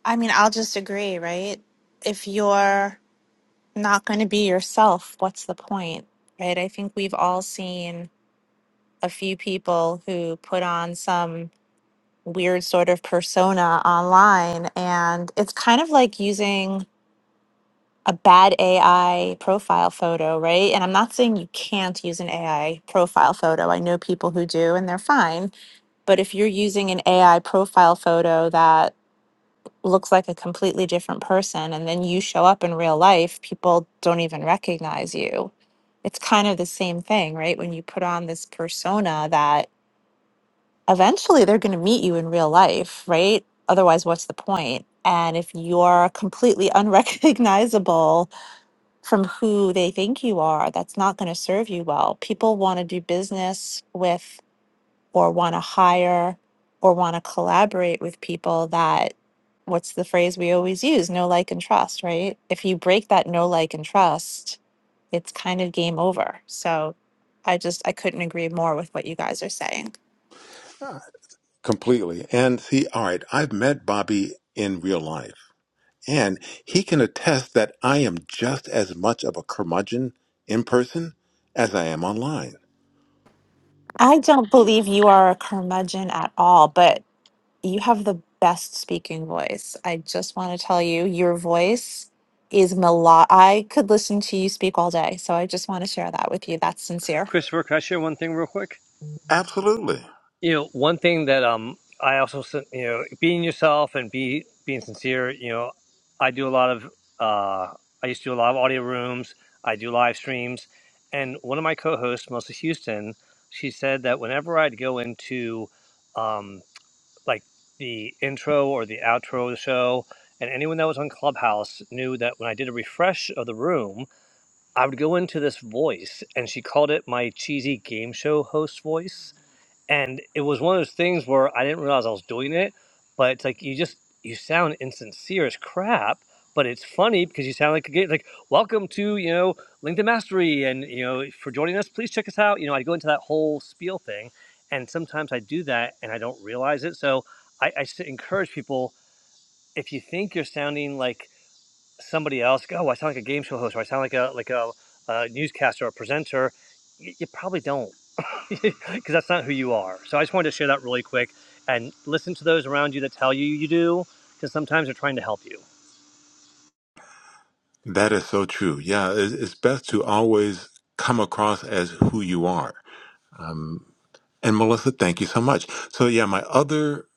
I mean, I'll just agree, right? If you're not going to be yourself, what's the point, right? I think we've all seen a few people who put on some weird sort of persona online, and it's kind of like using a bad AI profile photo, right? And I'm not saying you can't use an AI profile photo. I know people who do, and they're fine But if you're using an AI profile photo that looks like a completely different person and then you show up in real life, people don't even recognize you. It's kind of the same thing, right? When you put on this persona that eventually they're going to meet you in real life, right? Otherwise, what's the point? And if you're completely unrecognizable from who they think you are, that's not going to serve you well. People want to do business with or want to hire or want to collaborate with people that what's the phrase we always use no like and trust right if you break that no like and trust it's kind of game over so i just i couldn't agree more with what you guys are saying Completely. And see, all right, I've met Bobby in real life, and he can attest that I am just as much of a curmudgeon in person as I am online. i don't believe you are a curmudgeon at all but you have the best speaking voice i just want to tell you your voice is melo- i could listen to you speak all day so i just want to share that with you that's sincere christopher can i share one thing real quick Absolutely. you know one thing that um i also s- you know being yourself and be being sincere you know i do a lot of uh i used to do a lot of audio rooms i do live streams and one of my co-hosts melissa houston she said that whenever i'd go into um like the intro or the outro of the show and anyone that was on clubhouse knew that when i did a refresh of the room i would go into this voice and she called it my cheesy game show host voice and it was one of those things where I didn't realize I was doing it, but it's like you just you sound insincere as crap, but it's funny because you sound like a gay, like welcome to you know LinkedIn Mastery, and you know for joining us, please check us out. You know I go into that whole spiel thing, and sometimes I do that and I don't realize it. So I, I s- encourage people if you think you're sounding like somebody else, oh, I sound like a game show host, or I sound like a like a, a newscaster or a presenter, y- you probably don't, because that's not who you are. So I just wanted to share that really quick and listen to those around you that tell you you do, because sometimes they're trying to help you. That is so true. Yeah, it- it's best to always come across as who you are. Um, and Melissa, thank you so much. So yeah, my other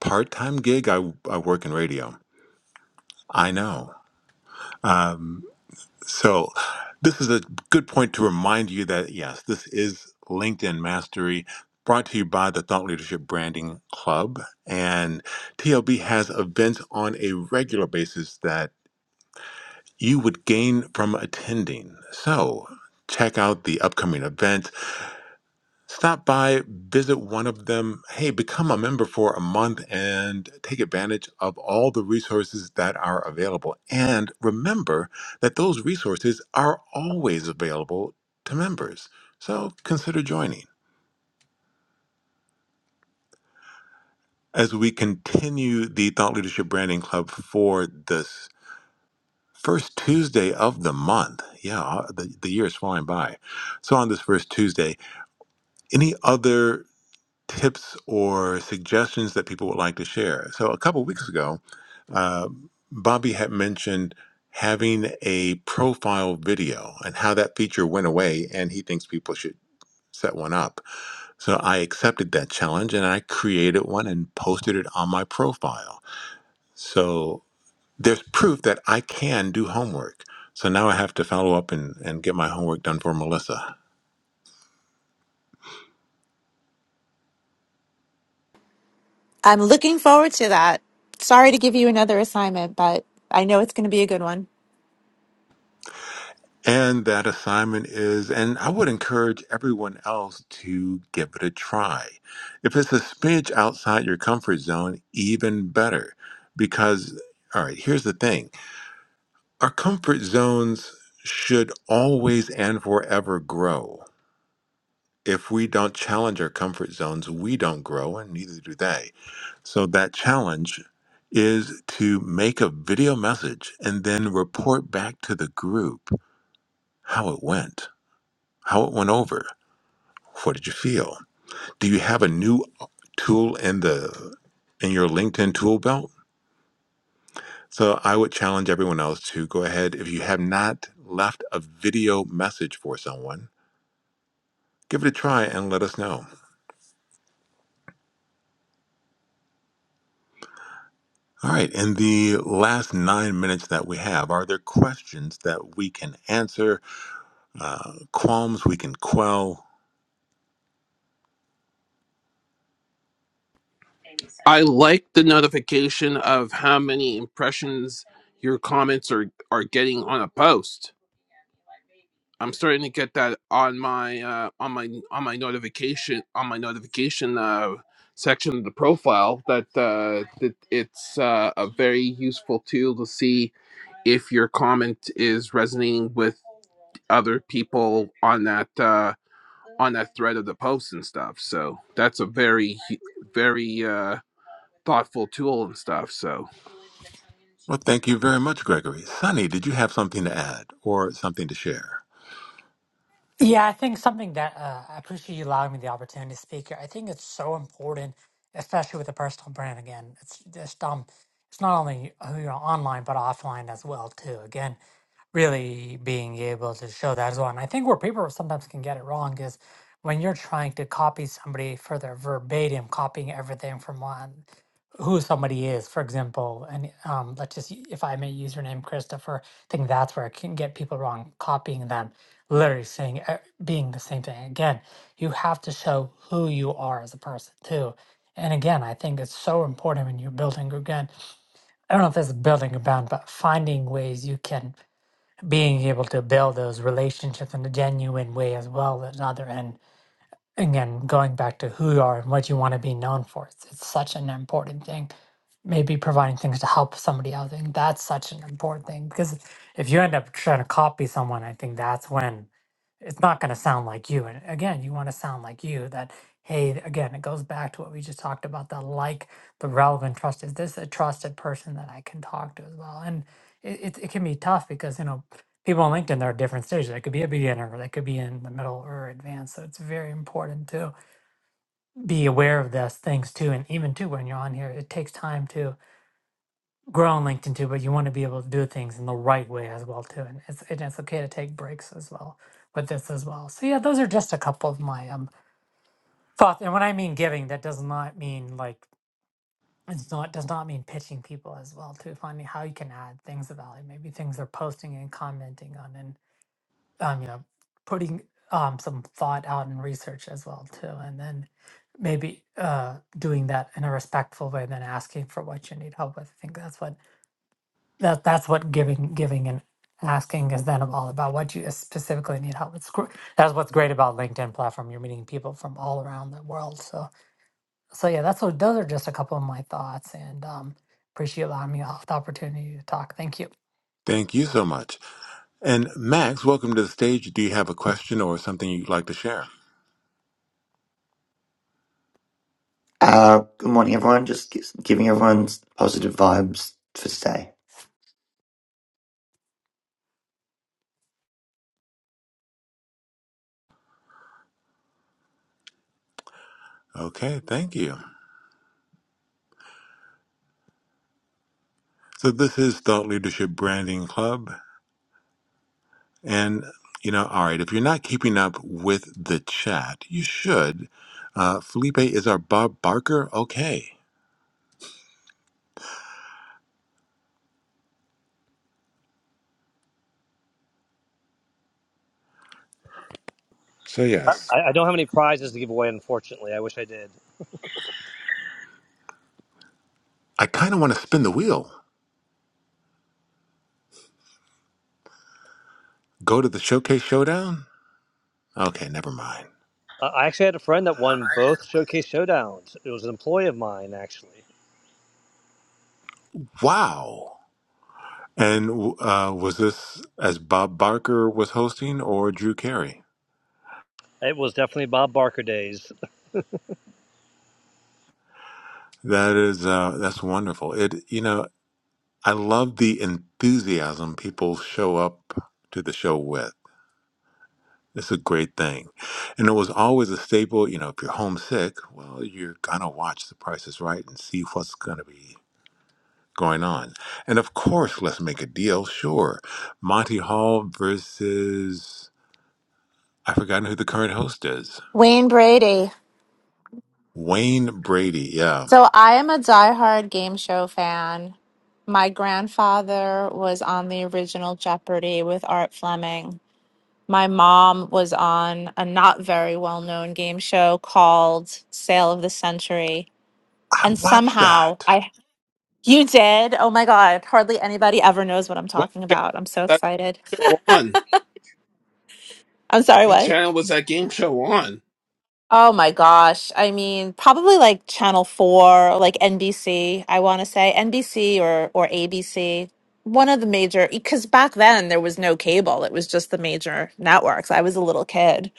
part-time gig, I I work in radio. I know. Um, so this is a good point to remind you that yes, this is LinkedIn Mastery. Brought to you by the Thought Leadership Branding Club. And TLB has events on a regular basis you would gain from attending. So, check out the upcoming events. Stop by, visit one of them. Hey, become a member for a month and take advantage of all the resources that are available. And remember that those resources are always available to members. So, consider joining. As we continue the Thought Leadership Branding Club for this first Tuesday of the month, yeah, the, the year is flying by. So on this first Tuesday, Any other tips or suggestions that people would like to share? So, a couple weeks ago, uh, Bobby had mentioned having a profile video and how that feature went away, and he thinks people should set one up. So, I accepted that challenge and I created one and posted it on my profile. So, there's proof that I can do homework. So now I have to follow up and, and get my homework done for Melissa. I'm looking forward to that. Sorry to give you another assignment, but I know it's going to be a good one. And that assignment is, and I would encourage everyone else to give it a try. If it's a smidge outside your comfort zone, even better. Because, all right, here's the thing our comfort zones should always and forever grow. If we don't challenge our comfort zones, we don't grow, and neither do they. So, that challenge is to make a video message and then report back to the group how it went, how it went over What did you feel? Do you have a new uh, tool in the in your LinkedIn tool belt? So I would challenge everyone else to go ahead if you have not left a video message for someone, give it a try and let us know. All right, in the last nine minutes that we have, are there questions that we can answer, uh, qualms we can quell? I like the notification of how many impressions your comments are are getting on a post. I'm starting to get that on my uh, on my on my notification on my notification uh, section of the profile that uh, that it's uh, a very useful tool to see if your comment is resonating with other people on that uh, on that thread of the post and stuff. So that's a very hu- very uh, thoughtful tool and stuff. So Well, thank you very much, Gregory. Sunny, did you have something to add or something to share? Yeah, I think something that uh, I appreciate you allowing me the opportunity to speak. here. I think it's so important, especially with a personal brand. Again, it's just um, it's not only who you know online but offline as well too. Again, really being able to show that as well. And I think where people sometimes can get it wrong is when you're trying to copy somebody for their verbatim, copying everything from one who somebody is. For example, and um, let's just y- if I may use your name, Christopher. I think that's where it can get people wrong, copying them literally saying uh, being the same thing again you have to show who you are as a person too and again i think it's so important when you're building again i don't know if it's building a brand but finding ways you can being able to build those relationships in a genuine way as well as another end again going back to who you are and what you want to be known for it's, it's such an important thing maybe providing things to help somebody else i think that's such an important thing because if you end up trying to copy someone i think that's when it's not going to sound like you and again you want to sound like you that hey again it goes back to what we just talked about the like the relevant trust is this a trusted person that i can talk to as well and it, it, it can be tough because you know people on LinkedIn, there are different stages. They could be a beginner, they could be in the middle or advanced. So it's very important to be aware of those things too. And even too, when you're on here, it takes time to grow on LinkedIn too, but you want to be able to do things in the right way as well too. And it's, and it's okay to take breaks as well with this as well. So yeah, those are just a couple of my um thoughts. And when I mean giving, that does not mean like, it's not does not mean pitching people as well too. finding how you can add things of value, maybe things they're posting and commenting on um, you know, putting um, some thought out and research as well too, and then maybe uh, doing that in a respectful way, then asking for what you need help with. I think that's what that that's what giving giving and asking is then all about. What you specifically need help with. It's gr- That's what's great about LinkedIn platform. You're meeting people from all around the world. So so yeah, that's what those are just a couple of my thoughts, and um, appreciate allowing me the opportunity to talk. Thank you. Thank you so much. And Max, welcome to the stage. Do you have a question or something you'd like to share? Uh, good morning, everyone. Just gi- giving everyone positive vibes for today. Okay, thank you. So this is Thought Leadership Branding Club. And, you know, all right, if you're not keeping up with the chat, you should. Uh, Felipe is our Bob Barker. Okay. So, I, yes, I don't have any prizes to give away, unfortunately. I wish I did. I kind of want to spin the wheel. Go to the Showcase Showdown? Okay, never mind. I I actually had a friend that won both Showcase Showdowns. It was an employee of mine, actually. Wow. And uh, was this as Bob Barker was hosting or Drew Carey? It was definitely Bob Barker days. That is uh that's wonderful. It you know, I love the enthusiasm people show up to the show with. It's a great thing. And it was always a staple, you know, if you're homesick, well, you're gonna watch The Price is Right and see what's gonna be going on. And of course, let's make a deal, sure. Monty Hall versus I've forgotten who the current host is. Wayne Brady. Wayne Brady, yeah. So I am a diehard game show fan. My grandfather was on the original Jeopardy with Art Fleming. My mom was on a not very well known game show called Sale of the Century. I And watched somehow that. I. You did? Oh my God. Hardly anybody ever knows what I'm what talking channel about. I'm so is that excited. show on? I'm sorry, What what? channel was that game show on? Oh my gosh. I mean, probably like Channel 4, like NBC, I want to say NBC or or ABC. One of the major because back then there was no cable. It was just the major networks. I was a little kid.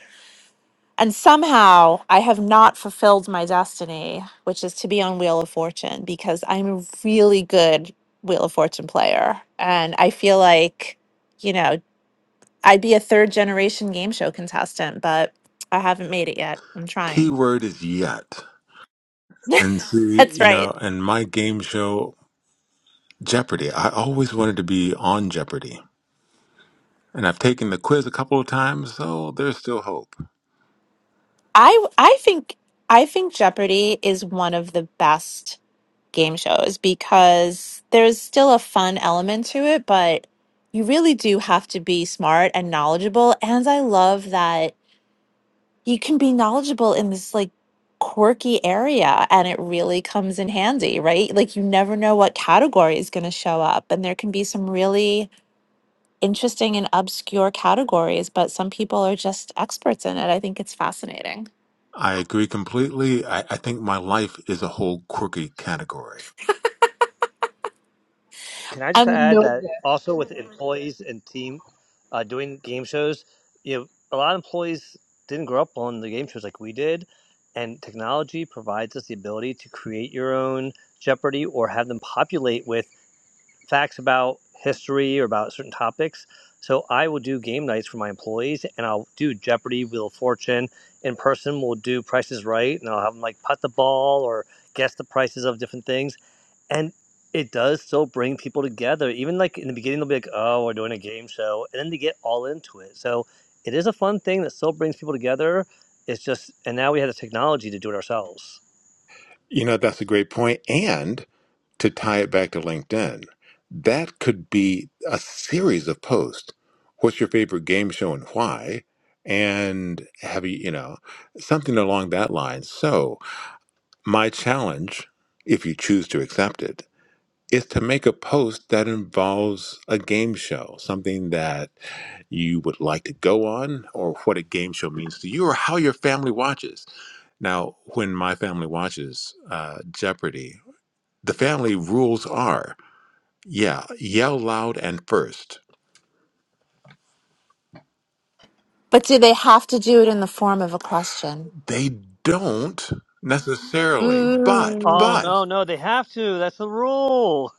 And somehow I have not fulfilled my destiny, which is to be on Wheel of Fortune because I'm a really good Wheel of Fortune player and I feel like, you know, I'd be a third generation game show contestant, but I haven't made it yet. I'm trying. Keyword is yet. And see, That's you right. know, and my game show, Jeopardy. I always wanted to be on Jeopardy. And I've taken the quiz a couple of times, so there's still hope. I I think I think Jeopardy is one of the best game shows because there's still a fun element to it, but you really do have to be smart and knowledgeable. And I love that you can be knowledgeable in this like quirky area and it really comes in handy, right? Like you never know what category is going to show up and there can be some really interesting and obscure categories, but some people are just experts in it. I think it's fascinating. I agree completely. I, I think my life is a whole quirky category. Can I just I I'm add know that this. also with employees and team uh, doing game shows, you know, a lot of employees didn't grow up on the game shows like we did, and technology provides us the ability to create your own Jeopardy or have them populate with facts about history or about certain topics. So I will do game nights for my employees, and I'll do Jeopardy, Wheel of Fortune in person. We'll do Prices Right, and I'll have them like putt the ball or guess the prices of different things and it does still bring people together. Even like in the beginning, they'll be like, "Oh, we're doing a game show," and then they get all into it. So it is a fun thing that still brings people together. It's just, and now we have the technology to do it ourselves. You know, that's a great point. And to tie it back to LinkedIn, that could be a series of posts. What's your favorite game show and why? And have you, you know, something along that line. So. My challenge, if you choose to accept it, is to make a post that involves a game show, something that you would like to go on, or what a game show means to you, or how your family watches. Now, when my family watches uh, Jeopardy, the family rules are yeah, yell loud and first. But do they have to do it in the form of a question? They don't necessarily, but, Oh but, Mm. no, no, they have to. That's the rule.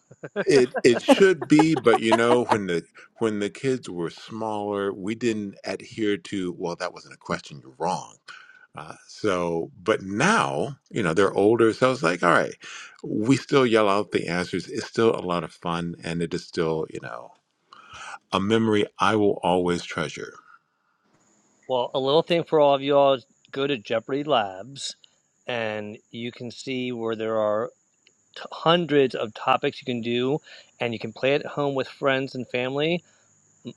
It it should be, but you know, when the when the kids were smaller, we didn't adhere to, well, that wasn't a question, you're wrong. Uh, so, but now, you know, they're older, so I was like, all right, we still yell out the answers. It's still a lot of fun, and it is still, you know, a memory I will always treasure. Well, a little thing for all of you all: is go to Jeopardy Labs, and you can see where there are t- hundreds of topics you can do, and you can play it at home with friends and family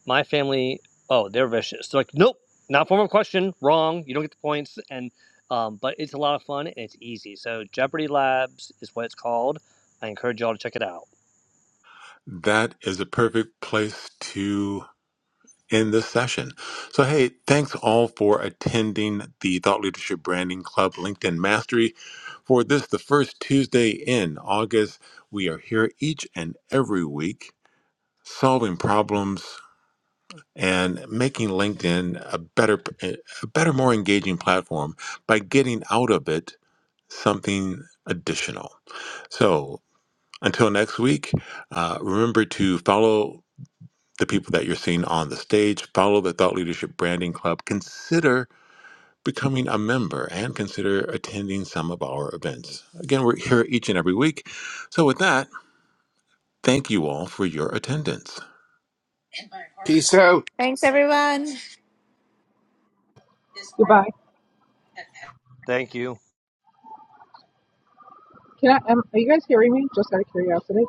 my family, oh, they're vicious. They're like, nope, not form of question, wrong. You don't get the points. And um, but it's a lot of fun and it's easy. So Jeopardy Labs is what it's called. I encourage y'all to check it out. That is a perfect place to in this session. So, hey, thanks all for attending the Thought Leadership Branding Club LinkedIn Mastery. For this, the first Tuesday in August, we are here each and every week solving problems and making LinkedIn a better, a better, more engaging platform by getting out of it something additional. So, until next week, uh, remember to follow the people that you're seeing on the stage. Follow the Thought Leadership Branding Club. Consider becoming a member and consider attending some of our events. Again, we're here each and every week. So, with that, thank you all for your attendance. Peace out. Thanks, everyone. Goodbye. Thank you. Can I? Um, are you guys hearing me? Just out of curiosity.